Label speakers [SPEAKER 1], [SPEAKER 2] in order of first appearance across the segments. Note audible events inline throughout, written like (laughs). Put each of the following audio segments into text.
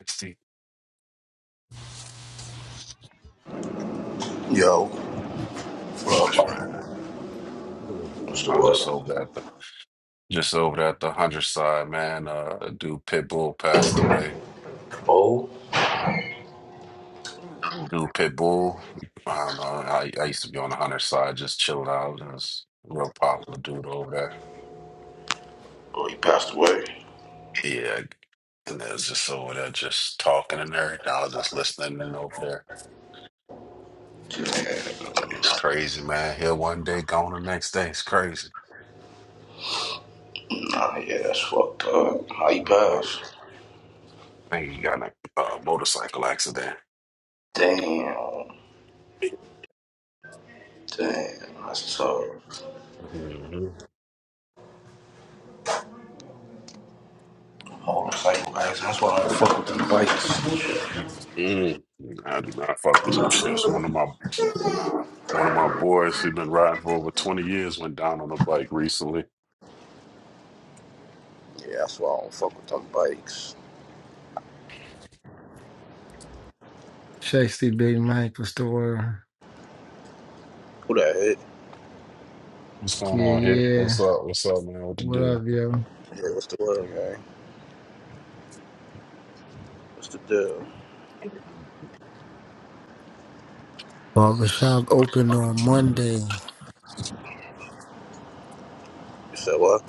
[SPEAKER 1] 60
[SPEAKER 2] Yo, well,
[SPEAKER 1] much, man.
[SPEAKER 2] what's the
[SPEAKER 1] I was just
[SPEAKER 2] word?
[SPEAKER 1] over at the just over at the hundred side, man. Uh, a dude Pitbull passed away.
[SPEAKER 2] Oh,
[SPEAKER 1] Dude Pitbull. I don't know. I, I used to be on the hundred side, just chilling out. And It was a real popular dude over there.
[SPEAKER 2] oh, he passed away.
[SPEAKER 1] Yeah, and it was just over there, just talking and everything. I was just listening and over there.
[SPEAKER 2] Yeah,
[SPEAKER 1] It's crazy, man. Here one day, gone the next day. It's crazy.
[SPEAKER 2] nah, yeah, that's fucked up. How he
[SPEAKER 1] Like,
[SPEAKER 2] passed?
[SPEAKER 1] I think he got in a uh, motorcycle accident.
[SPEAKER 2] Damn, damn, that's tough.
[SPEAKER 1] Mhm.
[SPEAKER 2] Motorcycle guys, that's why I don't fuck with them bikes.
[SPEAKER 1] Mm, I do not fuck with those shits. One of my one of my boys he been riding for over twenty years went down on a bike recently.
[SPEAKER 2] Yeah, that's why I don't fuck with them bikes.
[SPEAKER 3] Shasty Big Mike Restore.
[SPEAKER 2] Who that hit?
[SPEAKER 1] What's going
[SPEAKER 3] Yeah,
[SPEAKER 1] on here? What's
[SPEAKER 3] yeah.
[SPEAKER 1] up? What's up, man? What the
[SPEAKER 3] What up,
[SPEAKER 1] deal?
[SPEAKER 3] yo?
[SPEAKER 2] Yeah, what's the word, gang? What's the deal?
[SPEAKER 3] Barbershop open on Monday.
[SPEAKER 2] You said what?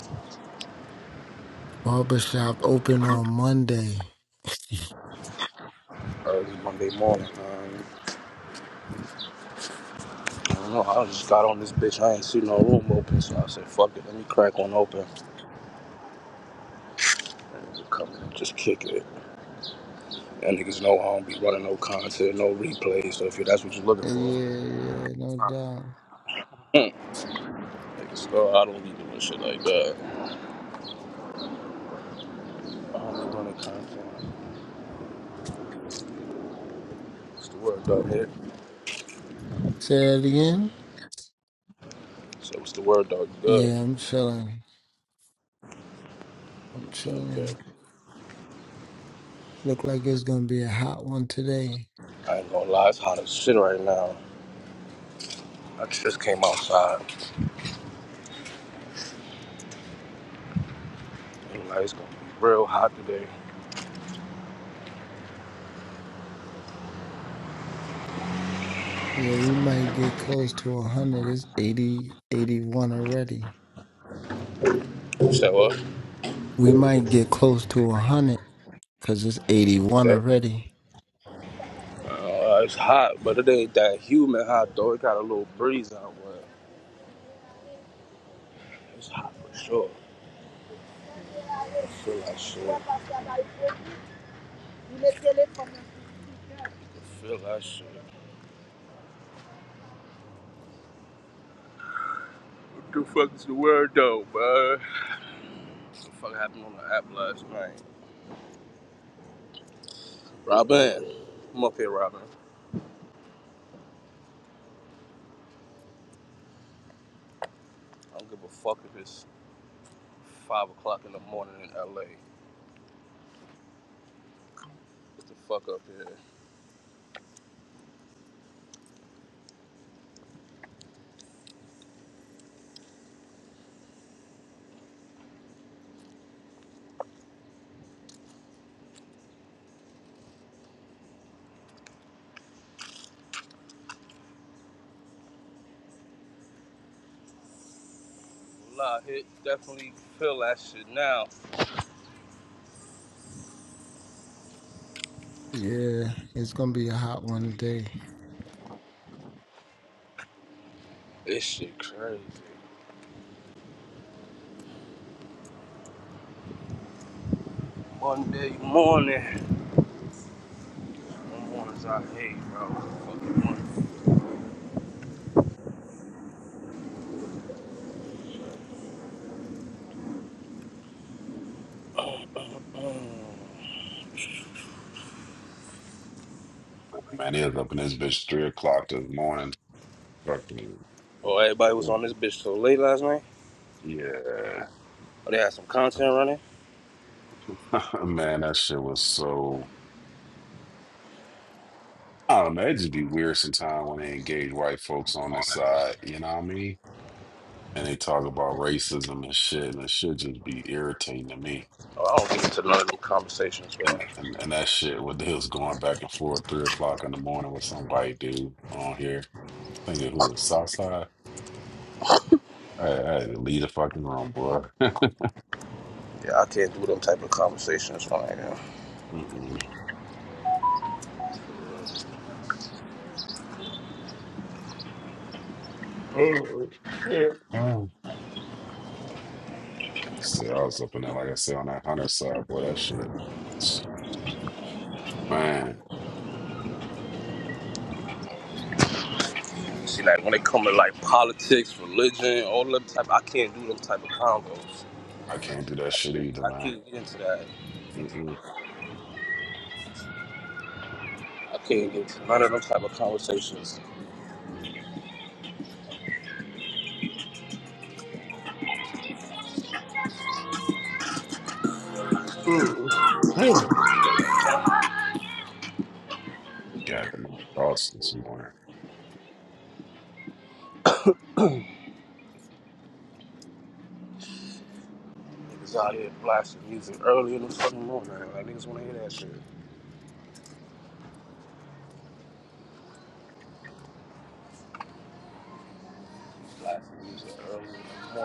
[SPEAKER 3] Barbershop open on Monday.
[SPEAKER 2] Early Monday morning. man. I don't know. I just got on this bitch. I ain't see no room open, so I said, "Fuck it, let me crack one open." Come and just kick it. And niggas know I don't be running no content, no replays. So if you, that's what you're looking for,
[SPEAKER 3] Yeah, yeah, no doubt.
[SPEAKER 2] (laughs) niggas know I don't be doing shit like that. I don't be running content. What's the word, dog? Hit.
[SPEAKER 3] Say that again?
[SPEAKER 2] So what's the word, dog? You good?
[SPEAKER 3] Yeah, I'm chilling. I'm
[SPEAKER 2] Okay, okay.
[SPEAKER 3] chilling. Look like it's gonna be a hot one today.
[SPEAKER 2] I ain't gonna lie, it's hot as shit right now. I just came outside. Ain't Like, it's gonna be real hot today.
[SPEAKER 3] Yeah, we might get close to 100. It's 80, 81 already.
[SPEAKER 2] You said what?
[SPEAKER 3] We might get close to 100 because it's 81
[SPEAKER 2] Today?
[SPEAKER 3] already.
[SPEAKER 2] Uh, it's hot, but it ain't that humid hot though. It got a little breeze out, but it's hot for sure. I feel like shit. Feel that shit. What the fuck is the word though, bud? What the fuck happened on the app last night? Robin, I'm up here, Robin. I don't give a fuck if it's five o'clock in the morning in LA. Get the fuck up here. Nah, it definitely feel that shit now.
[SPEAKER 3] Yeah, it's gonna be a hot one today.
[SPEAKER 2] This shit crazy. Monday morning. Them mornings I hate, bro. What the fuck you
[SPEAKER 1] Man, he was up in this bitch three o'clock this morning. Fucking
[SPEAKER 2] Oh, everybody was on this bitch so late last night.
[SPEAKER 1] yeah.
[SPEAKER 2] Oh, they had some content running.
[SPEAKER 1] (laughs) Man, that shit was so I don't know, it just be weird sometimes when they engage white folks on this side, you know what I mean? And they talk about racism and shit, and it should just be irritating to me.
[SPEAKER 2] Oh, I don't get into none of them conversations, bro.
[SPEAKER 1] And, and and that shit with his going back and forth three o'clock in the morning with some white dude on here thinking who was Southside. I, I had to leave the fucking room, boy.
[SPEAKER 2] Yeah, I can't do them type of conversations right now.
[SPEAKER 1] (laughs) Mm-mm. Oh, shit. Mm. I said I was up in there, like I said, on that hunter side, boy. That shit, man.
[SPEAKER 2] See, like when it come to like politics, religion, all them type, I can't do them type of combos.
[SPEAKER 1] I can't do that
[SPEAKER 2] I
[SPEAKER 1] shit
[SPEAKER 2] can't,
[SPEAKER 1] either,
[SPEAKER 2] I
[SPEAKER 1] man.
[SPEAKER 2] can't get into that.
[SPEAKER 1] Mm-mm.
[SPEAKER 2] I can't get into none of them type of conversations.
[SPEAKER 1] Mm. Mm. Got my thoughts this morning.
[SPEAKER 2] Niggas out here blasting music early in the fucking morning. Like niggas want to hear that shit. Blasting music early in the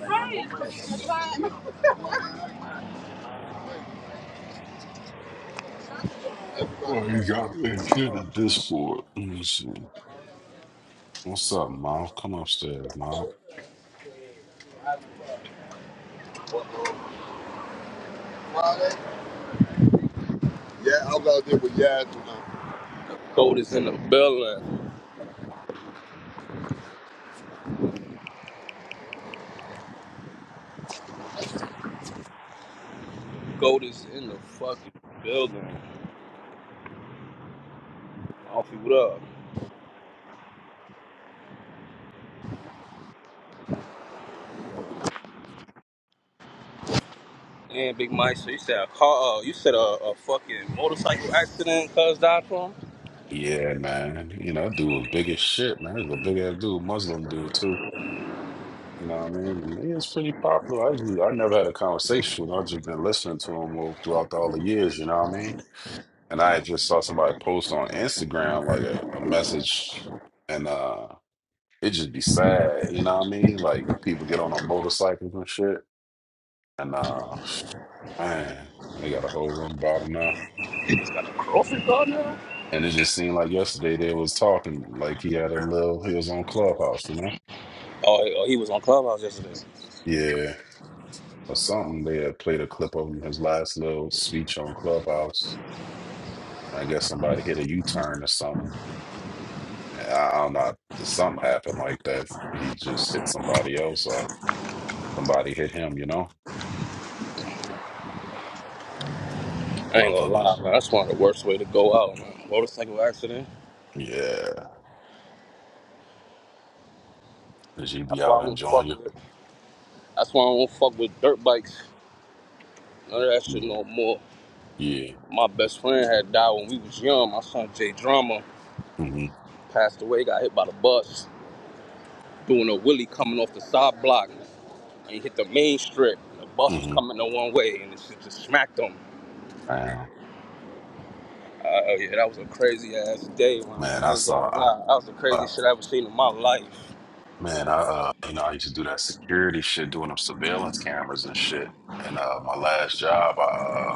[SPEAKER 2] morning. Like,
[SPEAKER 1] Well, you got me here to this point. Let me see. What's up, Mal? Come upstairs, Mal.
[SPEAKER 2] Friday? Yeah, I was out there with Yaz and them. Gold is in the building. Gold is in the fucking building. Off you what up? Yeah, Big Mike. So you said a car? Uh, you said a, a fucking motorcycle accident? Cuz died from?
[SPEAKER 1] Yeah, man. You know, that dude was big as shit, man. He was a big ass dude, Muslim dude too. You know what I mean? And he was pretty popular. I usually, I never had a conversation with him. I've just been listening to him all- throughout all the years, you know what I mean? And I just saw somebody post on Instagram like a, a message and uh it just be sad, you know what I mean? Like people get on a motorcycles and shit and uh man, they got a whole room bottom now.
[SPEAKER 2] Girlfriend?
[SPEAKER 1] And it just seemed like yesterday they was talking like he had a little he was on Clubhouse, you know?
[SPEAKER 2] Oh, he- oh, he was on Clubhouse yesterday.
[SPEAKER 1] Yeah, or something. They had played a clip of him, his last little speech on Clubhouse. I guess somebody hit a U-turn or something. I I don't know. Something happened like that. He just hit somebody else, or somebody hit him. You know,
[SPEAKER 2] I ain't gonna
[SPEAKER 1] motherfuckers.
[SPEAKER 2] lie, man. That's one of the worst way to go out, man. Motorcycle accident.
[SPEAKER 1] Yeah, did you be
[SPEAKER 2] That's why I
[SPEAKER 1] out
[SPEAKER 2] don't
[SPEAKER 1] enjoying
[SPEAKER 2] fuck
[SPEAKER 1] you?
[SPEAKER 2] with. That's why I don't fuck with dirt bikes. None of that shit
[SPEAKER 1] Yeah,
[SPEAKER 2] no more.
[SPEAKER 1] yeah.
[SPEAKER 2] My best friend had died when we was young. My son Jay Drama
[SPEAKER 1] Mm-hmm.
[SPEAKER 2] passed away. Got hit by the bus doing a wheelie coming off the side block and he hit the main strip. The bus was
[SPEAKER 1] Mm-hmm.
[SPEAKER 2] coming the one way and it just smacked him.
[SPEAKER 1] Damn,
[SPEAKER 2] Uh, oh yeah, that was a crazy ass day, my nigga.
[SPEAKER 1] man.
[SPEAKER 2] I
[SPEAKER 1] I
[SPEAKER 2] ain't gonna
[SPEAKER 1] saw.
[SPEAKER 2] lie. That was the
[SPEAKER 1] I, uh,
[SPEAKER 2] craziest shit I ever seen in my life.
[SPEAKER 1] man, I uh, you know, I used to do that security shit, doing them surveillance cameras and shit. And uh, my last job, I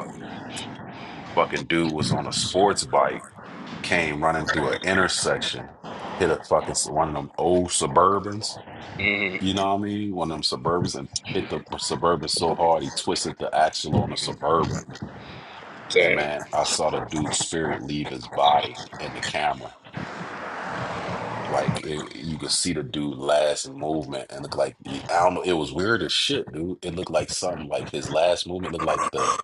[SPEAKER 1] Fucking dude was on a sports bike, came running through an intersection, hit a fucking one of them old Suburbans. You know what I mean? One of them Suburbans and hit the Suburban so hard he twisted the axle on the Suburban. And
[SPEAKER 2] Damn.
[SPEAKER 1] man, I saw the dude's spirit leave his body in the camera. Like it, you could see the dude last movement and look like he- I don't know. It was weird as shit, dude. It looked like something like his last movement looked like the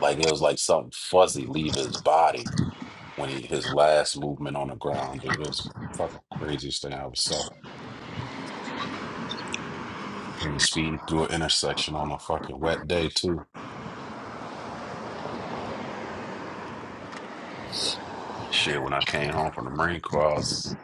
[SPEAKER 1] like it was like something fuzzy leave his body when he his last movement on the ground, dude. It was the fucking craziest thing I ever saw. And he speeding through an intersection on a fucking wet day too. Shit, when I came home from the Marine Corps, I was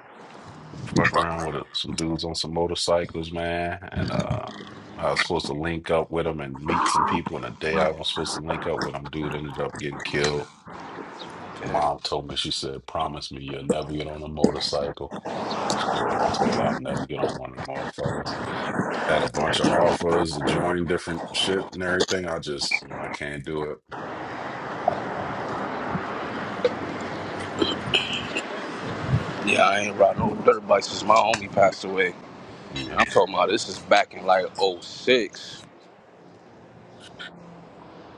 [SPEAKER 1] fucking around with uh, some dudes on some motorcycles, man. And uh, I was supposed to link up with them and meet some people. And the day I was supposed to link up with them, dude ended up getting killed. My mom told me, she said, "Promise me you'll never get on a motorcycle." And shit, I told her I'd never get on one of them motherfuckers. had a bunch of offers to join different shit and everything. I just mm, I can't do it.
[SPEAKER 2] Yeah, I ain't ride no dirt bike since my homie passed away.
[SPEAKER 1] Yeah.
[SPEAKER 2] And I'm talking about this is back in like '06.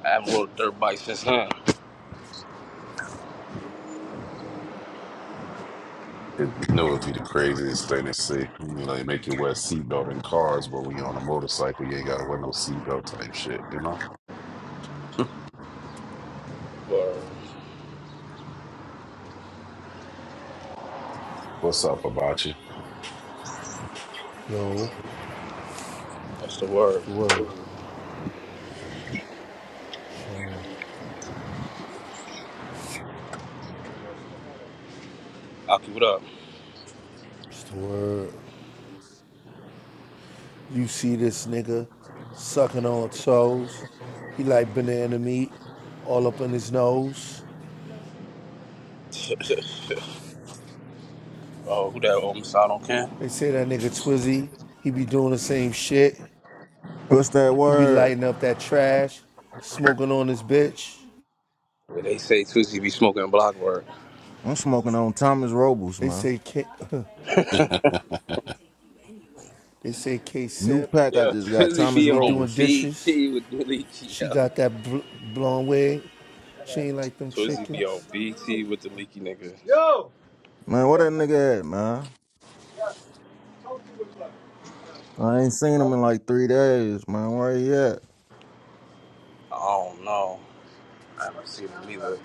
[SPEAKER 2] I haven't rode a dirt bike since then.
[SPEAKER 1] It, you know it'd be the craziest thing to see. I mean, like make you wear a seatbelt in cars, but when you're on a motorcycle, you ain't gotta wear no seatbelt type shit, you know? (laughs)
[SPEAKER 2] Word.
[SPEAKER 1] What's up about you?
[SPEAKER 4] No,
[SPEAKER 2] That's the word.
[SPEAKER 4] it's the word. Chilling.
[SPEAKER 2] I'll keep it up.
[SPEAKER 4] It's the word. You see this nigga sucking on toes. He like banana meat all up in his nose.
[SPEAKER 2] (laughs) oh, who that old side on Ken?
[SPEAKER 4] They say that nigga Twizzy, he be doing the same shit.
[SPEAKER 5] What's that
[SPEAKER 4] He be
[SPEAKER 5] word?
[SPEAKER 4] lighting up that trash, smoking on his bitch.
[SPEAKER 2] Yeah, They say Twizzy be smoking block work.
[SPEAKER 5] I'm smoking on Thomas Robles,
[SPEAKER 4] They
[SPEAKER 5] man.
[SPEAKER 4] say K, (laughs) they say K
[SPEAKER 5] New
[SPEAKER 4] Simp,
[SPEAKER 5] pack I
[SPEAKER 2] Yeah,
[SPEAKER 5] just got,
[SPEAKER 2] Twizzy
[SPEAKER 4] she
[SPEAKER 5] Thomas
[SPEAKER 2] be
[SPEAKER 4] be
[SPEAKER 2] on
[SPEAKER 4] doing
[SPEAKER 5] Robles.
[SPEAKER 4] dishes.
[SPEAKER 2] BT with the leaky,
[SPEAKER 4] She
[SPEAKER 2] yo.
[SPEAKER 4] got that bl- blonde wig.
[SPEAKER 6] Shut
[SPEAKER 4] She
[SPEAKER 6] up.
[SPEAKER 4] ain't like them
[SPEAKER 2] Twizzy be on
[SPEAKER 4] chickens.
[SPEAKER 2] BT with the leaky nigga. Yo!
[SPEAKER 5] Man, where that nigga at, man? I ain't seen him in like three days, man. Where he at?
[SPEAKER 2] I don't know. I haven't seen him either.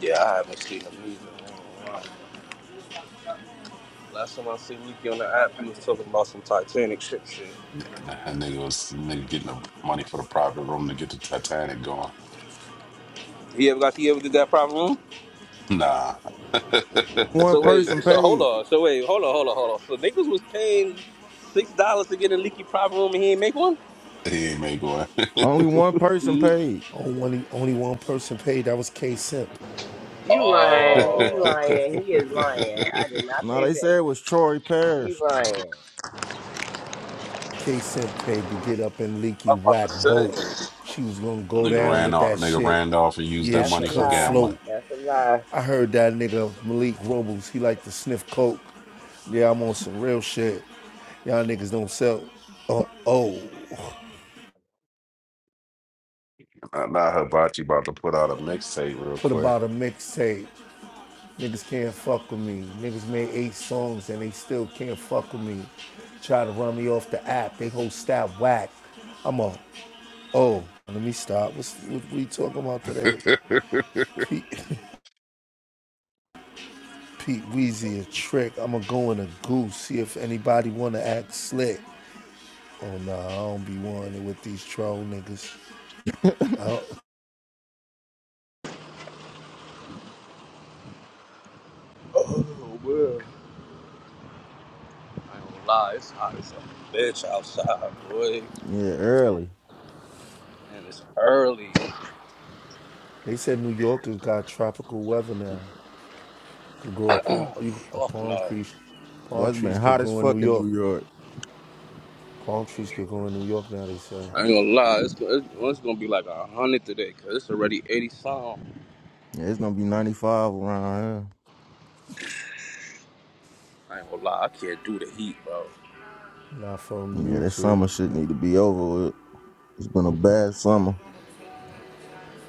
[SPEAKER 2] Yeah, I haven't seen him either. I ain't gonna lie. Last time I seen Leaky on the app, he was talking about some Titanic ship shit.
[SPEAKER 1] N- That nigga was nigga getting the money for the private room to get the Titanic going.
[SPEAKER 2] He ever got he ever did that private room?
[SPEAKER 1] Nah. (laughs)
[SPEAKER 5] One
[SPEAKER 2] So wait,
[SPEAKER 5] person
[SPEAKER 2] so hold
[SPEAKER 5] paid.
[SPEAKER 2] on, so wait, hold on, hold on, hold on. So niggas was paying six dollars to get a leaky private room and he ain't make one?
[SPEAKER 1] he ain't make one. (laughs)
[SPEAKER 5] Only one person
[SPEAKER 2] Mm.
[SPEAKER 5] paid.
[SPEAKER 4] Only, only one person paid. That was K Simp.
[SPEAKER 6] You lying. He
[SPEAKER 2] Oh,
[SPEAKER 6] lying. He is lying. I did not
[SPEAKER 5] Now
[SPEAKER 6] pay
[SPEAKER 5] they
[SPEAKER 6] for
[SPEAKER 5] said
[SPEAKER 6] it.
[SPEAKER 5] it was Troy
[SPEAKER 6] He
[SPEAKER 5] Parrish.
[SPEAKER 6] lying.
[SPEAKER 4] K Cent paid to get up in leaky
[SPEAKER 2] I'm about
[SPEAKER 4] whack
[SPEAKER 2] to say. I
[SPEAKER 4] boat. She was gonna go
[SPEAKER 1] nigga
[SPEAKER 4] down
[SPEAKER 1] ran
[SPEAKER 4] with
[SPEAKER 1] off
[SPEAKER 4] that
[SPEAKER 1] nigga
[SPEAKER 4] shit.
[SPEAKER 1] ran off and used that
[SPEAKER 4] Yeah,
[SPEAKER 6] That's
[SPEAKER 4] she
[SPEAKER 6] a
[SPEAKER 1] money for
[SPEAKER 4] couldn't
[SPEAKER 6] lie.
[SPEAKER 1] gambling.
[SPEAKER 4] float.
[SPEAKER 6] That's a lie.
[SPEAKER 4] I heard that nigga Malik Robles, he like to sniff coke. Yeah, I'm on some real shit. Y'all niggas don't sell. Oh, oh.
[SPEAKER 1] Uh, Not Hibachi about to put out a mixtape real
[SPEAKER 4] Put
[SPEAKER 1] quick.
[SPEAKER 4] about a mixtape. Niggas can't fuck with me. Niggas made eight songs and they still can't fuck with me. Try to run me off the app. They whole staff whack. I'm a oh. Let me stop. What's what we talking about today?
[SPEAKER 1] (laughs)
[SPEAKER 4] (laughs) Pete Weezy a trick. I'ma go in a goose, see if anybody wanna act slick. Oh no, nah, I don't be wanting with these troll niggas.
[SPEAKER 2] ain't gonna lie, it's hot as a bitch outside, boy,
[SPEAKER 5] Yeah, early.
[SPEAKER 2] and it's early.
[SPEAKER 4] They said New Yorkers got tropical weather now. Could grow a palm you a
[SPEAKER 2] Fuck
[SPEAKER 4] palm
[SPEAKER 2] no.
[SPEAKER 4] tree
[SPEAKER 5] Boy,
[SPEAKER 4] palm
[SPEAKER 5] it's been
[SPEAKER 4] trees could
[SPEAKER 5] hot as
[SPEAKER 4] grow in
[SPEAKER 5] fuck
[SPEAKER 4] New
[SPEAKER 5] in
[SPEAKER 4] York.
[SPEAKER 5] New York.
[SPEAKER 4] Palm trees could grow in New York now, they said.
[SPEAKER 2] I ain't gonna lie, it's, it's, it's gonna be like a hundred today, cause it's already eighty something.
[SPEAKER 5] Yeah, it's gonna be 95 around here.
[SPEAKER 2] I ain't gonna lie, I can't do the heat, bro.
[SPEAKER 4] Not from
[SPEAKER 5] Yeah, that
[SPEAKER 4] YouTube.
[SPEAKER 5] summer shit need to be over with. It's been a bad summer.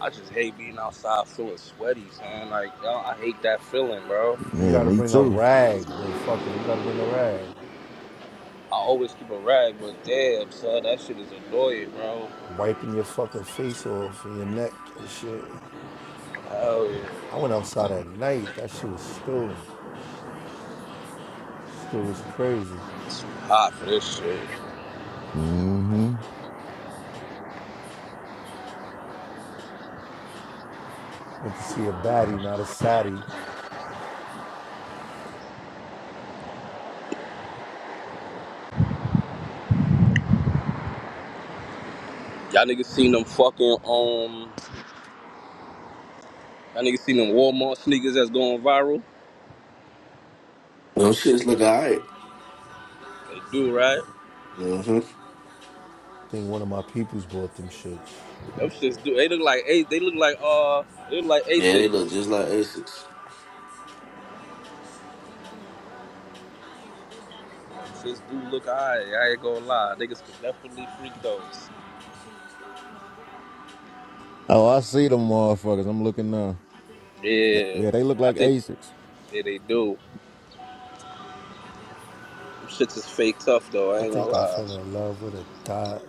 [SPEAKER 2] I just hate being outside feeling sweaty, son. Like, yo, I hate that feeling, bro.
[SPEAKER 4] You
[SPEAKER 5] Yeah,
[SPEAKER 4] gotta
[SPEAKER 5] me
[SPEAKER 4] bring a
[SPEAKER 5] too.
[SPEAKER 4] rag though fucking you gotta bring a rag.
[SPEAKER 2] I always keep a rag, but damn, son, that shit is annoying, bro.
[SPEAKER 4] Wiping your fucking face off and your neck and shit.
[SPEAKER 2] Hell
[SPEAKER 4] I
[SPEAKER 2] yeah.
[SPEAKER 4] went outside at night, that shit was still Still was crazy.
[SPEAKER 2] Hot for this shit.
[SPEAKER 5] hmm
[SPEAKER 4] Went to see a baddie, not a saddie.
[SPEAKER 2] Y'all niggas seen them fucking, um, y'all niggas seen them Walmart sneakers that's going viral?
[SPEAKER 7] Them shits look alright.
[SPEAKER 2] They do, right?
[SPEAKER 7] hmm
[SPEAKER 4] I think one of my peoples bought them shits.
[SPEAKER 2] Them shits do. They look like, A- they look like, uh, they look like
[SPEAKER 7] Yeah, they look
[SPEAKER 2] Asics.
[SPEAKER 7] just like Asics.
[SPEAKER 2] Them shits do look alright, I ain't gonna lie. Niggas could definitely freak those.
[SPEAKER 5] Oh, I see them motherfuckers. I'm looking now. Yeah,
[SPEAKER 2] Yeah.
[SPEAKER 5] yeah, they look
[SPEAKER 2] I
[SPEAKER 5] like
[SPEAKER 2] think,
[SPEAKER 5] Asics.
[SPEAKER 2] yeah, they do. Shits is fake tough though. I
[SPEAKER 4] I
[SPEAKER 2] ain't gonna
[SPEAKER 4] think I
[SPEAKER 2] lie.
[SPEAKER 4] fell in love with a dot.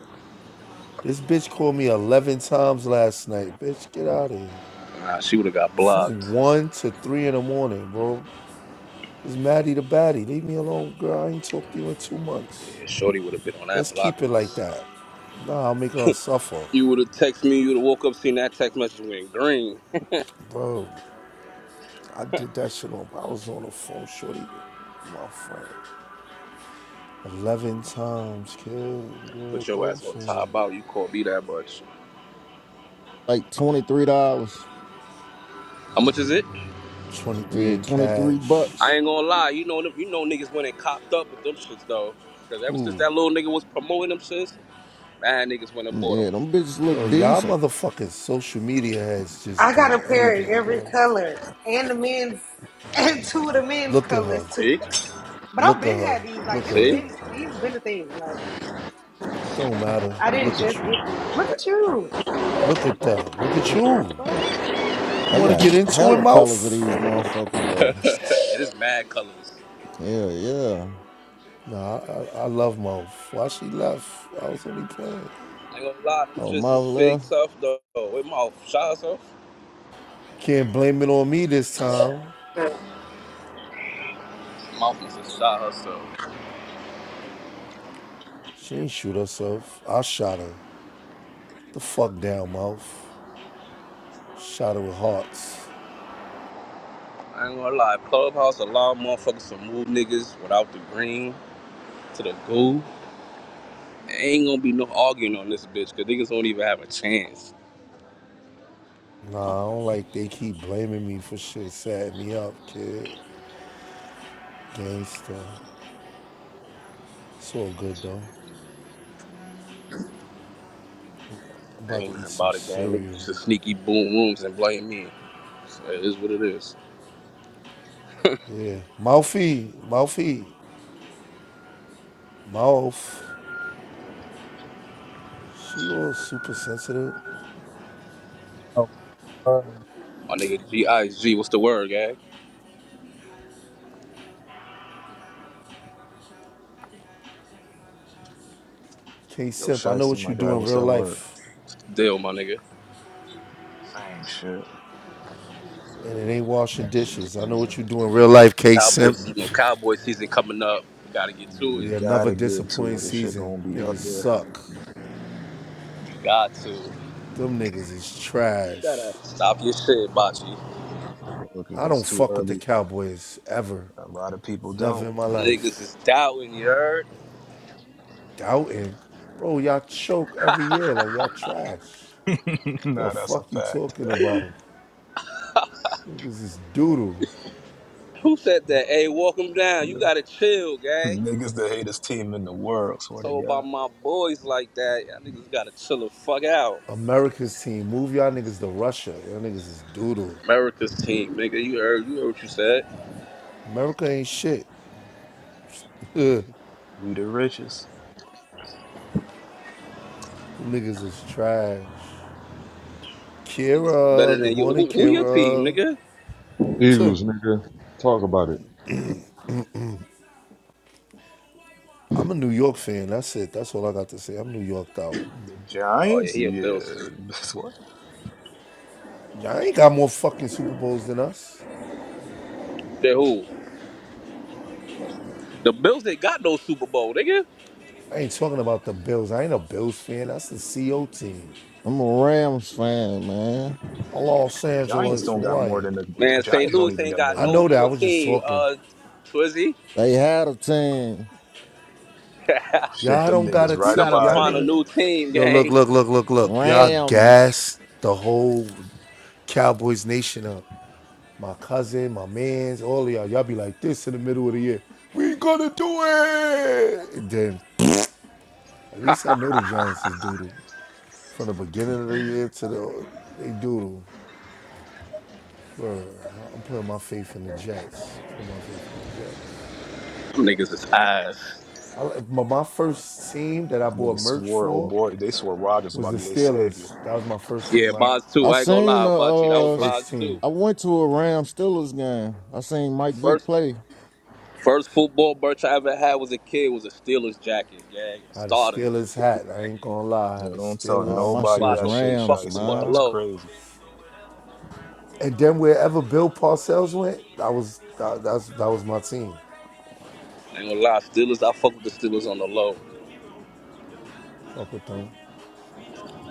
[SPEAKER 4] This bitch called me 11 times last night. Bitch, get out of here.
[SPEAKER 2] Nah, she would have got blocked.
[SPEAKER 4] From 1 to 3 in the morning, bro. It's Maddie the baddie. Leave me alone, girl. I ain't talked to you in two months.
[SPEAKER 2] Yeah, Shorty would have been on that
[SPEAKER 4] Let's
[SPEAKER 2] block
[SPEAKER 4] keep it like
[SPEAKER 2] list.
[SPEAKER 4] that. Nah, I'll make her
[SPEAKER 2] (laughs)
[SPEAKER 4] suffer.
[SPEAKER 2] you would have texted me. You would have woke up, seen that text message went green.
[SPEAKER 4] Bro, I did that shit on. I was on the phone, shorty, with my friend. 11 times, kid. Where
[SPEAKER 2] Put
[SPEAKER 4] it
[SPEAKER 2] your
[SPEAKER 4] go
[SPEAKER 2] ass on
[SPEAKER 4] for?
[SPEAKER 2] top out. You call me that much.
[SPEAKER 5] Like twenty three dollars.
[SPEAKER 2] How much is it?
[SPEAKER 4] 23
[SPEAKER 5] Yeah,
[SPEAKER 4] in
[SPEAKER 5] twenty three
[SPEAKER 4] cash.
[SPEAKER 2] I
[SPEAKER 5] bucks.
[SPEAKER 2] ain't gonna lie. You know, them- you know niggas when they copped up with them shits though. Cause ever since
[SPEAKER 4] Ooh,
[SPEAKER 2] that little nigga was promoting them shits, mad niggas went and bought them.
[SPEAKER 5] Yeah, them bitches look
[SPEAKER 4] yo, y'all
[SPEAKER 5] decent.
[SPEAKER 4] motherfucking social media heads just
[SPEAKER 8] I
[SPEAKER 4] do
[SPEAKER 8] got a pair in
[SPEAKER 4] anything,
[SPEAKER 8] every
[SPEAKER 4] bro.
[SPEAKER 8] color and the men's (laughs) and two of the men's
[SPEAKER 4] Look at
[SPEAKER 8] colors
[SPEAKER 4] her.
[SPEAKER 8] too.
[SPEAKER 2] See,
[SPEAKER 8] (laughs) But I've
[SPEAKER 4] Look at
[SPEAKER 8] been
[SPEAKER 4] her.
[SPEAKER 8] had these. Like
[SPEAKER 4] Look at
[SPEAKER 8] this
[SPEAKER 2] see,
[SPEAKER 4] her.
[SPEAKER 8] been these been a thing. Like
[SPEAKER 4] It don't matter.
[SPEAKER 8] I didn't
[SPEAKER 4] Look at
[SPEAKER 8] just
[SPEAKER 4] you.
[SPEAKER 8] get them. Look at you.
[SPEAKER 4] Look at them. Look at you.
[SPEAKER 8] What?
[SPEAKER 4] You
[SPEAKER 5] They
[SPEAKER 4] want to get
[SPEAKER 5] got
[SPEAKER 4] into it,
[SPEAKER 5] hella colors of
[SPEAKER 4] mouth?
[SPEAKER 5] these motherfuckers though.
[SPEAKER 2] it is mad colors.
[SPEAKER 5] Yeah, yeah.
[SPEAKER 4] Nah, I, I I love mouth. Why she left? I was only playing.
[SPEAKER 2] I ain't gonna lie, them
[SPEAKER 5] Oh,
[SPEAKER 2] shits
[SPEAKER 5] my
[SPEAKER 2] is fake
[SPEAKER 5] left.
[SPEAKER 2] tough though. With mouth shot herself.
[SPEAKER 4] Can't blame it on me this time.
[SPEAKER 8] the fuck?
[SPEAKER 2] Mouth must have shot herself.
[SPEAKER 4] She ain't shoot herself. I shot her. The fuck down, mouth. Shadow of Hearts.
[SPEAKER 2] I ain't gonna lie, Clubhouse allow motherfuckers to move niggas without the green to the goo. Ain't gonna be no arguing on this bitch, cause niggas don't even have a chance.
[SPEAKER 4] Nah, I don't like they keep blaming me for shit, setting me up, kid. Gangsta. It's all good though. I'm about to
[SPEAKER 2] Ain't
[SPEAKER 4] eat
[SPEAKER 2] nothing
[SPEAKER 4] some
[SPEAKER 2] about it, gang. Niggas
[SPEAKER 4] cereal.
[SPEAKER 2] used to sneaky boom rooms and blame me. So it is what it is.
[SPEAKER 4] Yeah. Mouthy, mouthy, mouth. She all super sensitive.
[SPEAKER 5] Oh, uh,
[SPEAKER 2] My nigga G I G, what's the word, gang?
[SPEAKER 4] K
[SPEAKER 9] Yo,
[SPEAKER 4] Simp, I know
[SPEAKER 9] Shiesty,
[SPEAKER 4] what you
[SPEAKER 9] my guy,
[SPEAKER 4] do in
[SPEAKER 9] what's
[SPEAKER 4] real
[SPEAKER 9] that word?
[SPEAKER 4] life.
[SPEAKER 2] Deal, my nigga.
[SPEAKER 9] Same shit,
[SPEAKER 4] And it ain't washing dishes. I know what you do in real life, K
[SPEAKER 2] Cowboy
[SPEAKER 4] Simp.
[SPEAKER 2] season, no, cowboy season coming up. You gotta get
[SPEAKER 9] man.
[SPEAKER 2] to
[SPEAKER 9] We
[SPEAKER 2] it.
[SPEAKER 4] Yeah, another
[SPEAKER 9] gotta get
[SPEAKER 4] disappointing
[SPEAKER 9] to it. This shit
[SPEAKER 4] season.
[SPEAKER 9] gonna be
[SPEAKER 4] Niggas
[SPEAKER 9] up there.
[SPEAKER 4] suck.
[SPEAKER 2] You got to.
[SPEAKER 4] Them niggas is
[SPEAKER 6] Shut up.
[SPEAKER 4] trash.
[SPEAKER 2] Stop your shit, Bocce.
[SPEAKER 9] Look,
[SPEAKER 4] I
[SPEAKER 9] it's
[SPEAKER 4] don't
[SPEAKER 9] too
[SPEAKER 4] fuck with the
[SPEAKER 9] early.
[SPEAKER 4] Cowboys ever.
[SPEAKER 9] A lot of people don't.
[SPEAKER 4] Never in my
[SPEAKER 2] Niggas
[SPEAKER 4] life.
[SPEAKER 2] is doubting, you heard?
[SPEAKER 4] Doubting. Bro, y'all choke every year like y'all trash.
[SPEAKER 9] (laughs)
[SPEAKER 4] The
[SPEAKER 9] nah, that's a
[SPEAKER 4] fuck you
[SPEAKER 9] fact.
[SPEAKER 4] talking about? Niggas is doodle.
[SPEAKER 2] Who said that? Hey, walk 'em down. You
[SPEAKER 9] Yeah.
[SPEAKER 2] gotta chill, gang.
[SPEAKER 9] Niggas the hatest team in the world, swear to
[SPEAKER 2] told by
[SPEAKER 9] God.
[SPEAKER 2] my boys like that, y'all niggas gotta chill the fuck out.
[SPEAKER 4] America's team. Move y'all niggas to Russia. Y'all niggas is doodle.
[SPEAKER 2] America's team, nigga. You heard, you heard what you said.
[SPEAKER 4] America ain't shit. (laughs) Them
[SPEAKER 9] We the richest.
[SPEAKER 4] niggas is trash.
[SPEAKER 2] Niggas better
[SPEAKER 4] Kira, good
[SPEAKER 2] than you.
[SPEAKER 4] morning,
[SPEAKER 2] Who, who your team,
[SPEAKER 4] Kira.
[SPEAKER 2] nigga?
[SPEAKER 4] Tuh.
[SPEAKER 10] Eagles, nigga. Talk about it.
[SPEAKER 4] I'm a New York fan. That's it. That's all I got to say. I'm New Yorked out.
[SPEAKER 9] The
[SPEAKER 2] Oh yeah,
[SPEAKER 9] Giants?
[SPEAKER 2] he a
[SPEAKER 9] Yeah.
[SPEAKER 2] Bills. fan.
[SPEAKER 9] (laughs) what?
[SPEAKER 4] Y'all ain't got more fucking Super Bowls than us.
[SPEAKER 2] They who? The Bills they got no Super Bowl, nigga.
[SPEAKER 4] I ain't talking about the Bills. I ain't a Bills fan. That's the CO team.
[SPEAKER 5] I'm a Rams fan, man.
[SPEAKER 4] Los
[SPEAKER 9] Giants
[SPEAKER 4] Angeles
[SPEAKER 9] don't got more
[SPEAKER 4] Rams.
[SPEAKER 9] than the, the
[SPEAKER 2] Man, St.
[SPEAKER 9] Giants don't
[SPEAKER 2] Louis
[SPEAKER 9] even
[SPEAKER 2] ain't
[SPEAKER 9] got more
[SPEAKER 2] got
[SPEAKER 4] I
[SPEAKER 9] than
[SPEAKER 2] no
[SPEAKER 9] them.
[SPEAKER 4] know that. I
[SPEAKER 2] more
[SPEAKER 4] was just
[SPEAKER 2] team.
[SPEAKER 4] talking.
[SPEAKER 2] Uh, Twizzy,
[SPEAKER 5] They had a team.
[SPEAKER 2] (laughs)
[SPEAKER 9] Shit,
[SPEAKER 4] Y'all
[SPEAKER 9] them
[SPEAKER 4] don't got
[SPEAKER 9] niggas
[SPEAKER 4] a
[SPEAKER 2] you
[SPEAKER 9] right up
[SPEAKER 4] team.
[SPEAKER 2] gotta
[SPEAKER 9] out
[SPEAKER 4] Y'all
[SPEAKER 9] of
[SPEAKER 2] find a
[SPEAKER 9] there.
[SPEAKER 4] niggas.
[SPEAKER 2] new team,
[SPEAKER 4] Yo, look,
[SPEAKER 2] gang.
[SPEAKER 4] look, look, look, look. Y'all
[SPEAKER 5] Rams.
[SPEAKER 4] gassed the whole Cowboys nation up. My cousin, my man's, all of y'all. Y'all be like this in the middle of the year. We gonna do it. And then at least I know the Giants is doodle from the beginning of the year to the they doodle. Word. I'm putting my faith in the Jets. Put my faith in the Jets.
[SPEAKER 2] Them niggas is ass.
[SPEAKER 4] I, my, first team that I bought
[SPEAKER 9] Niggas
[SPEAKER 4] merch
[SPEAKER 9] swore, oh
[SPEAKER 4] for
[SPEAKER 9] boy, they swore Rodgers
[SPEAKER 4] was
[SPEAKER 9] about
[SPEAKER 4] the
[SPEAKER 9] to be their savior.
[SPEAKER 4] Steelers. That was my first team.
[SPEAKER 2] Yeah,
[SPEAKER 4] My
[SPEAKER 2] Boz
[SPEAKER 5] I
[SPEAKER 2] too. I ain't gonna
[SPEAKER 5] seen
[SPEAKER 2] lie, Baji. That
[SPEAKER 5] a
[SPEAKER 2] was
[SPEAKER 5] uh
[SPEAKER 2] Boz
[SPEAKER 4] first team.
[SPEAKER 2] too.
[SPEAKER 5] I went to a Rams Steelers game. I seen Mike Vick
[SPEAKER 2] First
[SPEAKER 5] play.
[SPEAKER 2] First football merch I ever had was a kid was a Steelers jacket, gang.
[SPEAKER 4] I had a
[SPEAKER 2] Starters,
[SPEAKER 4] Steelers
[SPEAKER 2] Steelers
[SPEAKER 4] hat. I ain't
[SPEAKER 2] jacket.
[SPEAKER 4] gonna lie. I
[SPEAKER 9] Yeah,
[SPEAKER 4] had a
[SPEAKER 9] don't tell
[SPEAKER 5] Uh,
[SPEAKER 4] Steelers
[SPEAKER 5] my
[SPEAKER 2] That's
[SPEAKER 5] shit
[SPEAKER 9] nobody
[SPEAKER 2] why I
[SPEAKER 5] was
[SPEAKER 9] that
[SPEAKER 4] hat.
[SPEAKER 2] low key
[SPEAKER 9] shit,
[SPEAKER 2] fuck
[SPEAKER 5] Rams,
[SPEAKER 9] Shy.
[SPEAKER 2] with them
[SPEAKER 9] See,
[SPEAKER 2] on
[SPEAKER 9] that
[SPEAKER 2] the
[SPEAKER 9] is
[SPEAKER 5] man.
[SPEAKER 2] low.
[SPEAKER 9] crazy.
[SPEAKER 4] And then wherever Bill Parcells went, that was that, that's that was my team.
[SPEAKER 2] I ain't gonna lie, Steelers. I fuck with the Steelers on the low.
[SPEAKER 4] Fuck with them.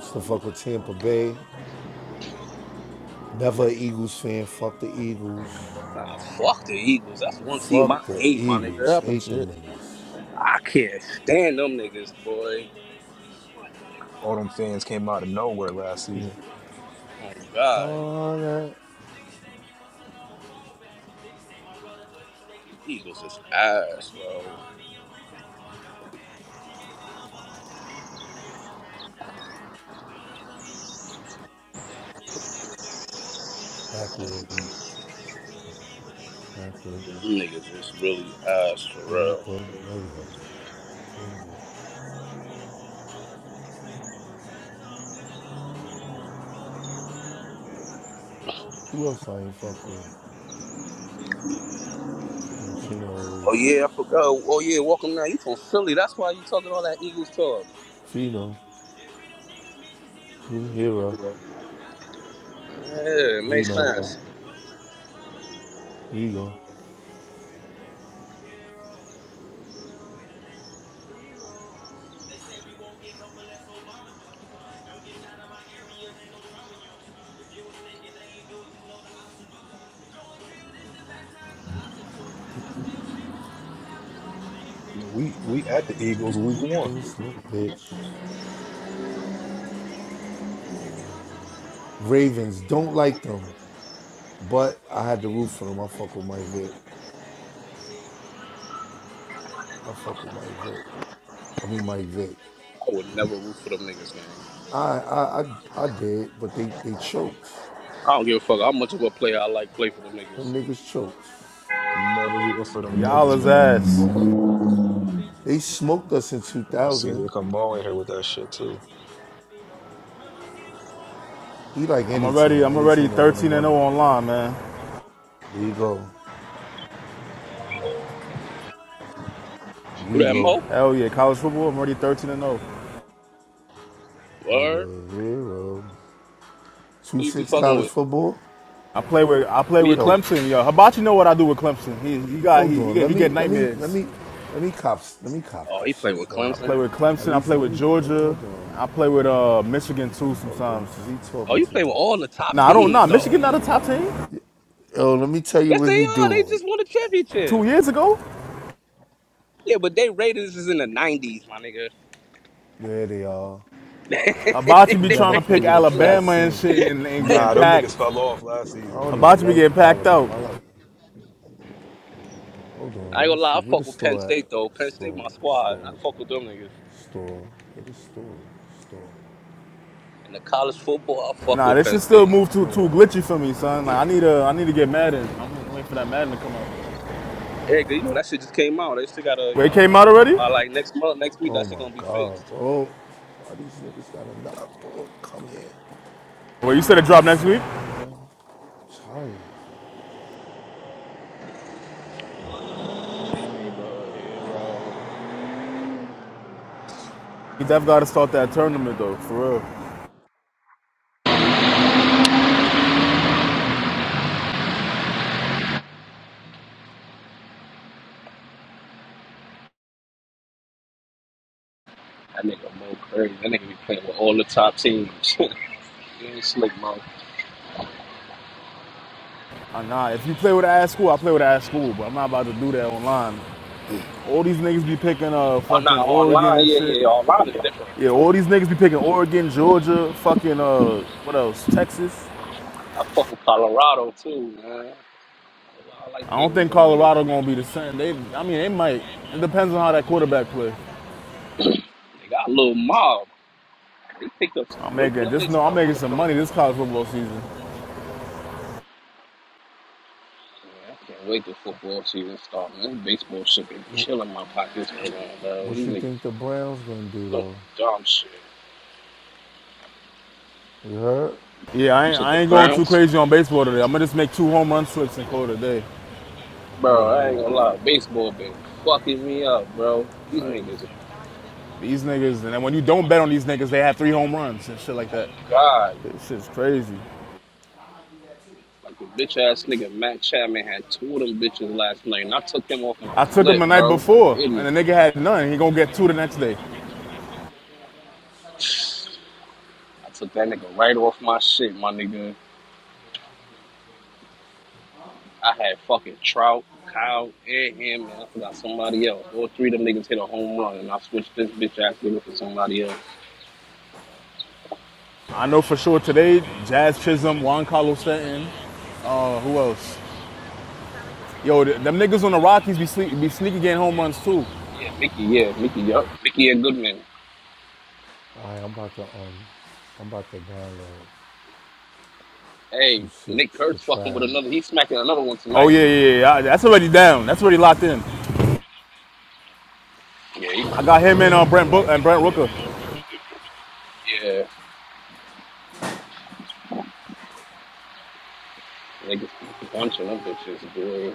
[SPEAKER 4] Still fuck with Tampa Bay. Never an Eagles fan. Fuck the Eagles.
[SPEAKER 2] Nah, fuck the Eagles. That's one team I
[SPEAKER 4] Fuck the
[SPEAKER 2] hate, my nigga.
[SPEAKER 4] Eagles.
[SPEAKER 5] That
[SPEAKER 4] Hate
[SPEAKER 5] shit.
[SPEAKER 4] them niggas.
[SPEAKER 2] I can't stand them niggas, boy.
[SPEAKER 9] All them fans came out of nowhere last season.
[SPEAKER 2] Oh God,
[SPEAKER 4] Oh, yeah.
[SPEAKER 2] Eagles
[SPEAKER 4] Backwood. Backwood.
[SPEAKER 2] for
[SPEAKER 4] Yeah,
[SPEAKER 2] real.
[SPEAKER 4] but murderer. Who else I ain't fuck with?
[SPEAKER 2] Oh
[SPEAKER 4] Chino's
[SPEAKER 2] yeah, I forgot. Oh yeah, welcome now. You from Philly? That's why you talking all that Eagles talk.
[SPEAKER 4] Fino, Hero,
[SPEAKER 2] Yeah, it
[SPEAKER 4] We
[SPEAKER 2] makes
[SPEAKER 4] Know,
[SPEAKER 2] sense.
[SPEAKER 4] Rego,
[SPEAKER 9] Yo, we we at the Eagles week one.
[SPEAKER 4] this Nick bitch. Ravens don't like them, but I had the roof for them. I fuck with Mike Vick. I fuck with Mike Vick. I mean Mike Vick.
[SPEAKER 2] I would never root for them niggas, gang.
[SPEAKER 4] I I I, I did, but they they choked.
[SPEAKER 2] I don't give a fuck how much of a player I like play for them niggas.
[SPEAKER 4] Them niggas choked.
[SPEAKER 9] Never rooting for them
[SPEAKER 11] Y'all
[SPEAKER 9] niggas,
[SPEAKER 11] is
[SPEAKER 9] man.
[SPEAKER 11] ass.
[SPEAKER 4] They smoked us in
[SPEAKER 9] Let's see, here
[SPEAKER 4] 2000.
[SPEAKER 9] come Mo in here with that shit too.
[SPEAKER 4] We like
[SPEAKER 11] I'm
[SPEAKER 4] any
[SPEAKER 11] already
[SPEAKER 4] team,
[SPEAKER 11] I'm
[SPEAKER 4] any
[SPEAKER 11] already
[SPEAKER 4] team that win the
[SPEAKER 11] 13 and 0
[SPEAKER 4] money.
[SPEAKER 11] online, man.
[SPEAKER 4] There you go.
[SPEAKER 2] Who
[SPEAKER 4] We
[SPEAKER 2] that
[SPEAKER 4] go.
[SPEAKER 2] Mo?
[SPEAKER 11] Hell yeah, college football. I'm already 13 and 0.
[SPEAKER 2] Word?
[SPEAKER 4] Hero, hero.
[SPEAKER 2] Who you be
[SPEAKER 4] 2-6
[SPEAKER 2] fucking
[SPEAKER 4] college
[SPEAKER 2] with?
[SPEAKER 4] football.
[SPEAKER 11] I play with I play
[SPEAKER 2] Who your
[SPEAKER 11] with
[SPEAKER 2] team?
[SPEAKER 4] Yo,
[SPEAKER 11] Clemson, yo. Hibachi know what I do with Clemson. He he got
[SPEAKER 4] Hold
[SPEAKER 11] he he
[SPEAKER 4] on.
[SPEAKER 11] get,
[SPEAKER 4] Let
[SPEAKER 11] he get
[SPEAKER 4] me let me let
[SPEAKER 11] nightmares.
[SPEAKER 4] me let me cop let me cop
[SPEAKER 2] Oh,
[SPEAKER 4] that
[SPEAKER 2] he playing
[SPEAKER 4] shit,
[SPEAKER 2] with
[SPEAKER 4] bro.
[SPEAKER 11] I play
[SPEAKER 2] Clemson.
[SPEAKER 11] with
[SPEAKER 4] At
[SPEAKER 11] Clemson. I
[SPEAKER 4] least
[SPEAKER 11] play
[SPEAKER 4] let
[SPEAKER 11] with
[SPEAKER 4] me let me
[SPEAKER 11] Georgia.
[SPEAKER 4] hold on.
[SPEAKER 11] I play with uh Michigan too
[SPEAKER 4] Hold on,
[SPEAKER 11] sometimes.
[SPEAKER 4] cause he
[SPEAKER 2] Oh,
[SPEAKER 4] talking
[SPEAKER 2] you
[SPEAKER 4] too
[SPEAKER 2] play with all
[SPEAKER 4] much.
[SPEAKER 2] the top
[SPEAKER 11] Nah, I don't know.
[SPEAKER 2] teams
[SPEAKER 11] Nah,
[SPEAKER 2] though.
[SPEAKER 11] Michigan
[SPEAKER 2] You-
[SPEAKER 11] not a top team.
[SPEAKER 4] Yo, let me tell you
[SPEAKER 2] Yes,
[SPEAKER 4] what
[SPEAKER 2] they
[SPEAKER 4] he
[SPEAKER 2] are. They
[SPEAKER 4] doing.
[SPEAKER 2] just won a championship.
[SPEAKER 11] Two years ago,
[SPEAKER 2] Yeah, but they Raiders is in the nineties, my nigga.
[SPEAKER 4] There they are.
[SPEAKER 2] (laughs)
[SPEAKER 11] Hibachi
[SPEAKER 4] He
[SPEAKER 11] be
[SPEAKER 2] they
[SPEAKER 11] trying
[SPEAKER 4] never
[SPEAKER 11] to
[SPEAKER 4] played
[SPEAKER 2] Raiders
[SPEAKER 11] pick
[SPEAKER 4] with a
[SPEAKER 2] is in the-
[SPEAKER 4] trash
[SPEAKER 11] Alabama and
[SPEAKER 4] team.
[SPEAKER 11] shit and, and getting
[SPEAKER 9] Nah, them
[SPEAKER 11] packed.
[SPEAKER 9] niggas fell off last
[SPEAKER 4] I
[SPEAKER 9] season
[SPEAKER 4] don't
[SPEAKER 9] though.
[SPEAKER 4] even
[SPEAKER 11] Hibachi be
[SPEAKER 4] like
[SPEAKER 11] getting packed out.
[SPEAKER 4] Alabama. I like. Hold on,
[SPEAKER 2] I
[SPEAKER 4] let
[SPEAKER 2] ain't gonna
[SPEAKER 4] me
[SPEAKER 2] lie,
[SPEAKER 4] see.
[SPEAKER 2] I
[SPEAKER 4] Where the
[SPEAKER 2] fuck with Penn
[SPEAKER 4] store at?
[SPEAKER 2] State though. Penn State
[SPEAKER 4] Store,
[SPEAKER 2] my squad. I
[SPEAKER 4] store,
[SPEAKER 2] fuck with them niggas.
[SPEAKER 4] store. Where the store? Store.
[SPEAKER 2] In the college football, I fuck
[SPEAKER 11] Nah,
[SPEAKER 2] with
[SPEAKER 11] this
[SPEAKER 2] Penn
[SPEAKER 11] shit still
[SPEAKER 2] State.
[SPEAKER 11] moved
[SPEAKER 4] I
[SPEAKER 11] too
[SPEAKER 4] know what
[SPEAKER 11] too
[SPEAKER 4] I.
[SPEAKER 11] glitchy for me, son. Like I need to I need to get Madden. I'm waiting for that Madden to come out.
[SPEAKER 2] Hey, you know that shit just came out. They still gotta, you
[SPEAKER 11] Wait, it
[SPEAKER 2] know,
[SPEAKER 11] came out already?
[SPEAKER 2] by like next month, next week,
[SPEAKER 4] Oh
[SPEAKER 2] that shit
[SPEAKER 4] my
[SPEAKER 2] gonna be fixed.
[SPEAKER 4] God, bro. Why these niggas gotta knock, bro? Come here.
[SPEAKER 11] Wait, you said it
[SPEAKER 4] The
[SPEAKER 11] dropped next week?
[SPEAKER 4] fuck, bro? Tired.
[SPEAKER 11] You definitely gotta start that tournament though, for real.
[SPEAKER 2] That nigga Mo crazy. That nigga be playing with all the top teams. (laughs) He ain't slick, Mo.
[SPEAKER 11] Uh, nah, if you play with ass school, I play with ass school, but I'm not about to do that online. All these niggas be picking uh
[SPEAKER 2] Oh,
[SPEAKER 11] fucking
[SPEAKER 2] nah,
[SPEAKER 11] Oregon
[SPEAKER 2] online,
[SPEAKER 11] and
[SPEAKER 2] yeah,
[SPEAKER 11] shit.
[SPEAKER 2] yeah, yeah, online is different.
[SPEAKER 11] Yeah, all these niggas be picking Oregon, Georgia, fucking uh what else? Texas.
[SPEAKER 2] I fuck with Colorado, too, man. I like
[SPEAKER 11] I don't
[SPEAKER 2] playing with
[SPEAKER 11] think
[SPEAKER 2] them niggas.
[SPEAKER 11] Colorado gonna be the same. They I mean they might. It depends on how that quarterback play.
[SPEAKER 2] They got a little mob. They picked up some
[SPEAKER 11] I'm
[SPEAKER 2] good
[SPEAKER 11] making just
[SPEAKER 2] players.
[SPEAKER 11] know I'm
[SPEAKER 2] out here.
[SPEAKER 11] making
[SPEAKER 2] Man,
[SPEAKER 11] some money this college football season.
[SPEAKER 2] I can't wait till football season start, man. This baseball shit been killing my pockets right now, bro.
[SPEAKER 4] What
[SPEAKER 2] These
[SPEAKER 4] you
[SPEAKER 2] niggas
[SPEAKER 4] think the Browns gonna do
[SPEAKER 2] doing
[SPEAKER 4] though?
[SPEAKER 2] dumb shit.
[SPEAKER 4] You heard?
[SPEAKER 11] Yeah, I
[SPEAKER 2] You
[SPEAKER 11] ain't,
[SPEAKER 2] said
[SPEAKER 11] I
[SPEAKER 2] the
[SPEAKER 11] ain't going too
[SPEAKER 2] Browns?
[SPEAKER 11] crazy on baseball today. I'm gonna just make two home run slips and call it a day.
[SPEAKER 4] Hunter
[SPEAKER 2] Bro, I
[SPEAKER 4] Brown.
[SPEAKER 2] ain't gonna lie. Baseball been fucking me up, bro. These niggas,
[SPEAKER 11] These niggas, and then when you don't bet on these niggas, they have three home runs and shit like
[SPEAKER 2] oh,
[SPEAKER 11] that.
[SPEAKER 2] God.
[SPEAKER 11] Shit, shit's crazy.
[SPEAKER 2] Like the bitch ass nigga Matt Chapman had two of them bitches last night, and I took him off my
[SPEAKER 11] I took him
[SPEAKER 2] flip,
[SPEAKER 11] the night
[SPEAKER 2] bro. Like an
[SPEAKER 11] before, and
[SPEAKER 2] idiot.
[SPEAKER 11] the nigga had none. He gonna get two the next day.
[SPEAKER 2] I took that nigga right off my shit, my nigga. I had fucking Trout, Kyle, and him, and I forgot somebody else. All three of them niggas hit a home run, and I switched this bitch ass nigga for somebody else.
[SPEAKER 11] I know for sure today, Jazz Chisholm, Juan Carlos Stanton, uh, who else? Yo, th- them niggas on the Rockies be, sleep, be sneaky getting home runs too.
[SPEAKER 2] Yeah, Mickey, yeah, Mickey, yup. Mickey and Goodman.
[SPEAKER 4] All right, I'm about to um, I'm about to download two
[SPEAKER 2] Hey, Nick
[SPEAKER 4] six the
[SPEAKER 2] Kurtz fucking with
[SPEAKER 4] trial,
[SPEAKER 2] another. He's smacking another one
[SPEAKER 11] Oh
[SPEAKER 2] tonight.
[SPEAKER 11] yeah, yeah, yeah. That's already down. That's already locked in.
[SPEAKER 2] Yeah, he might
[SPEAKER 11] I got
[SPEAKER 2] fuck
[SPEAKER 11] him
[SPEAKER 2] around here
[SPEAKER 11] and uh, Brent Book
[SPEAKER 2] tonight.
[SPEAKER 11] and Brent Rooker.
[SPEAKER 2] Yeah, niggas be bunching them bitches, boy.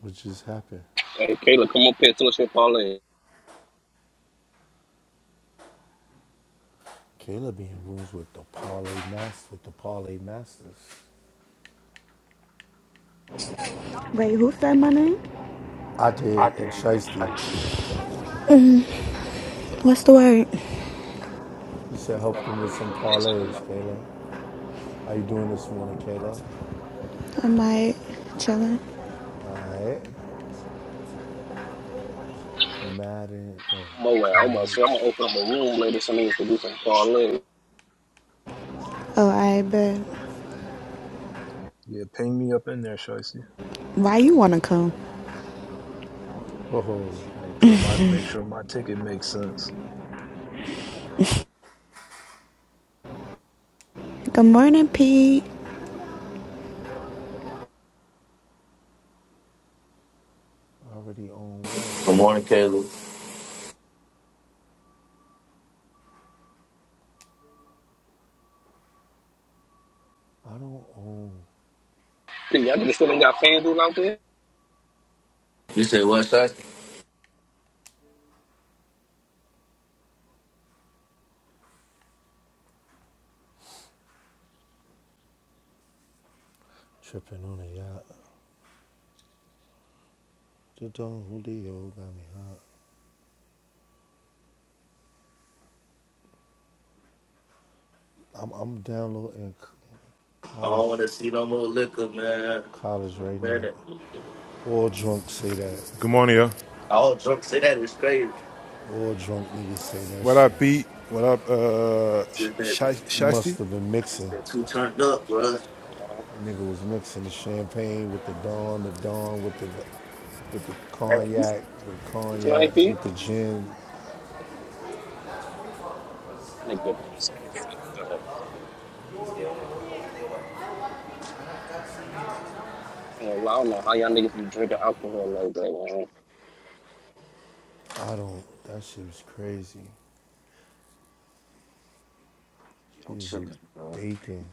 [SPEAKER 4] which just happened.
[SPEAKER 2] Hey, Kayla, come up here, tell us your parlay.
[SPEAKER 4] Caleb be in rooms with the parlay master, with the parlay masters.
[SPEAKER 12] Wait, who said my name?
[SPEAKER 4] I did, and Shiesty.
[SPEAKER 12] What's the word?
[SPEAKER 4] He said helped him with some
[SPEAKER 2] basically
[SPEAKER 4] parlays.
[SPEAKER 2] like
[SPEAKER 4] Caleb, how you doing this morning, Caleb?
[SPEAKER 12] Am I chilling?
[SPEAKER 4] All right. Madden, no
[SPEAKER 2] Moab. I'm gonna say I'm
[SPEAKER 4] college.
[SPEAKER 2] gonna open up a room later so niggas can do some call in.
[SPEAKER 12] Oh, I bet.
[SPEAKER 9] Yeah, ping me up in there, Shicey.
[SPEAKER 12] Why you wanna come?
[SPEAKER 4] Oh,
[SPEAKER 9] Make sure my make sure my ticket makes sense.
[SPEAKER 12] Good morning, Pete.
[SPEAKER 4] I already own what?
[SPEAKER 7] Good morning, Caleb.
[SPEAKER 4] I don't own
[SPEAKER 2] Dude, y'all niggas still ain't got FanDuel out there?
[SPEAKER 7] You say what, Shaq?
[SPEAKER 4] Tripping on a yacht. The Don Julio got me hot. I'm, I'm downloading
[SPEAKER 7] I don't want
[SPEAKER 4] college
[SPEAKER 7] to see no more liquor, man.
[SPEAKER 4] college right
[SPEAKER 7] Man,
[SPEAKER 4] now.
[SPEAKER 7] that-
[SPEAKER 4] All drunk say that.
[SPEAKER 13] Good morning, yo.
[SPEAKER 7] all drunk say that is crazy.
[SPEAKER 4] All drunk niggas say that
[SPEAKER 13] What
[SPEAKER 4] shit.
[SPEAKER 13] up, Pete? What up, uh,
[SPEAKER 7] Just been,
[SPEAKER 4] You
[SPEAKER 13] Shiesty?
[SPEAKER 4] must have been
[SPEAKER 7] I just
[SPEAKER 4] mixing.
[SPEAKER 7] been too turned up, bro.
[SPEAKER 2] Nah.
[SPEAKER 4] Nigga was mixing the champagne with the Don, the Don with the with the
[SPEAKER 2] You
[SPEAKER 4] cognac, the
[SPEAKER 2] scratching
[SPEAKER 4] cognac
[SPEAKER 2] IP?
[SPEAKER 4] with the gin.
[SPEAKER 2] That nigga so fucked up. I don't, know, I don't know how y'all niggas be drinking alcohol like that, man.
[SPEAKER 4] I don't. That shit was crazy. He
[SPEAKER 7] I'm
[SPEAKER 4] was
[SPEAKER 7] chilling, bro.
[SPEAKER 4] baking.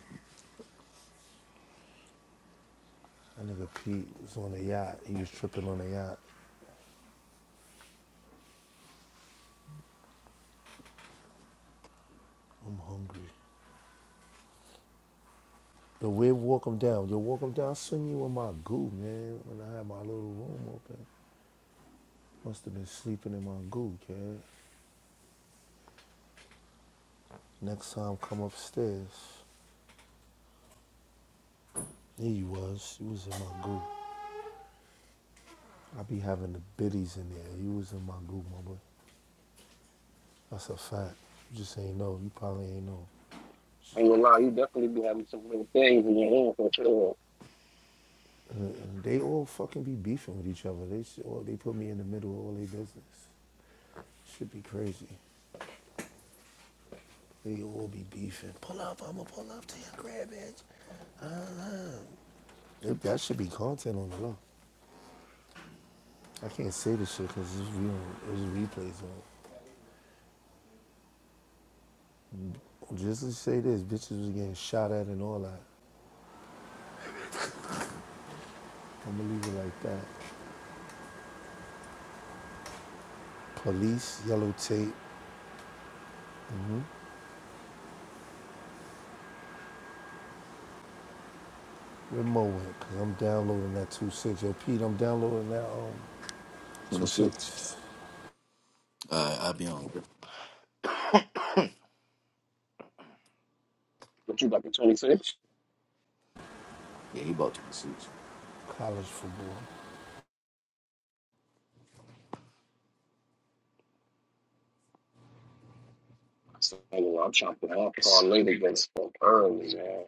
[SPEAKER 4] That nigga Pete was on a yacht. He was tripping on a yacht. I'm hungry. The way walk them down. You walk them down. I seen you in my goo, man. When I had my little room open, must have been sleeping in my goo, kid. Next time, come upstairs. There you was. You was in my goo. I be having the biddies in there. You was in my goo, my boy. That's a fact. You just ain't know. You probably ain't know.
[SPEAKER 2] I ain't gonna lie, you definitely be having some little things in your room for sure.
[SPEAKER 4] And, and they all fucking be beefing with each other. They all, they put me in the middle of all their business. Should be crazy. They all be beefing. Pull up, I'ma pull up to your crib, bitch. Uh-huh. It, that should be content on the law. I can't say this shit because it's, re- it's replays on. Just to say this, bitches was getting shot at and all that. I'm gonna leave it like that. Police, yellow tape, where Mo went, because I'm downloading that 2-6. Yo, Pete, I'm downloading that um, 2-6.
[SPEAKER 7] 26. All right, I'll be on.
[SPEAKER 2] But you about to 26?
[SPEAKER 7] Yeah, he bought 26.
[SPEAKER 4] College football.
[SPEAKER 2] So, I ain't gonna lie, I'm trying to put alcohol later than so early, man.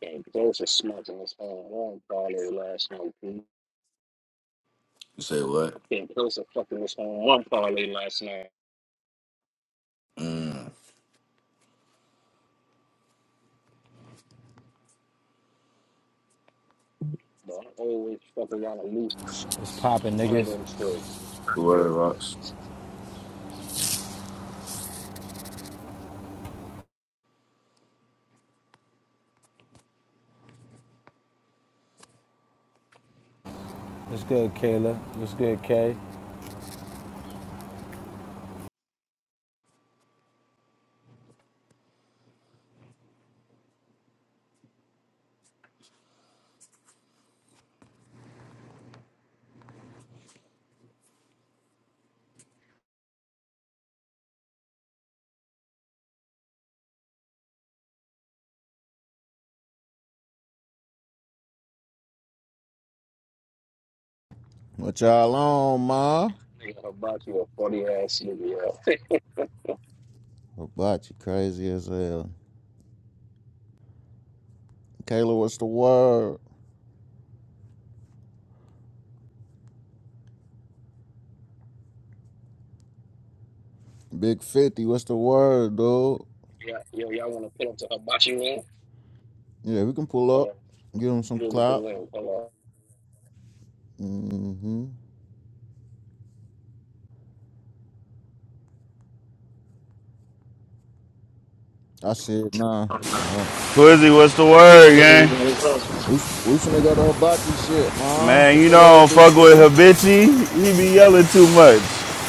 [SPEAKER 2] Man, close to smoking this whole one parlay last night, dude.
[SPEAKER 7] You say what?
[SPEAKER 2] I came close to fucking this whole one parlay last night.
[SPEAKER 7] Mm.
[SPEAKER 2] But I always fucking wanna lose
[SPEAKER 14] What's poppin',
[SPEAKER 2] one of
[SPEAKER 14] niggas?
[SPEAKER 2] them shirts.
[SPEAKER 7] Word, Rox.
[SPEAKER 14] What's good, Kayla? What's good, Kay?
[SPEAKER 5] What y'all on, ma?
[SPEAKER 2] Nigga, Hibachi a funny ass nigga, yo. (laughs)
[SPEAKER 5] What About you crazy as hell. Kayla, what's the word? Big 50, what's the word, dude?
[SPEAKER 2] yeah, yo, y'all wanna pull up to Hibachi, man?
[SPEAKER 5] Yeah, we can pull
[SPEAKER 2] Hold
[SPEAKER 5] up,
[SPEAKER 2] on.
[SPEAKER 5] give him some
[SPEAKER 2] Let me get the
[SPEAKER 5] clout.
[SPEAKER 2] link. Hold
[SPEAKER 5] hmm I said, nah. Uh-huh.
[SPEAKER 15] Quizzy, what's the word, gang?
[SPEAKER 2] on.
[SPEAKER 5] We, we finna go to hibachi shit, ma.
[SPEAKER 15] Man,
[SPEAKER 5] What's
[SPEAKER 15] you
[SPEAKER 5] the
[SPEAKER 15] know I
[SPEAKER 5] word,
[SPEAKER 15] don't
[SPEAKER 5] Big
[SPEAKER 15] fuck with
[SPEAKER 5] 50?
[SPEAKER 15] Habichi. He be yelling too much.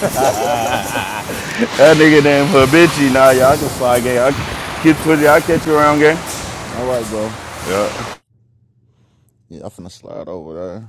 [SPEAKER 5] (laughs)
[SPEAKER 15] That nigga named Habichi. Nah, y'all can fly, gang. I get Quizzy, I catch you around, gang.
[SPEAKER 5] All right, bro.
[SPEAKER 15] Yeah.
[SPEAKER 5] Yeah, I finna slide over there.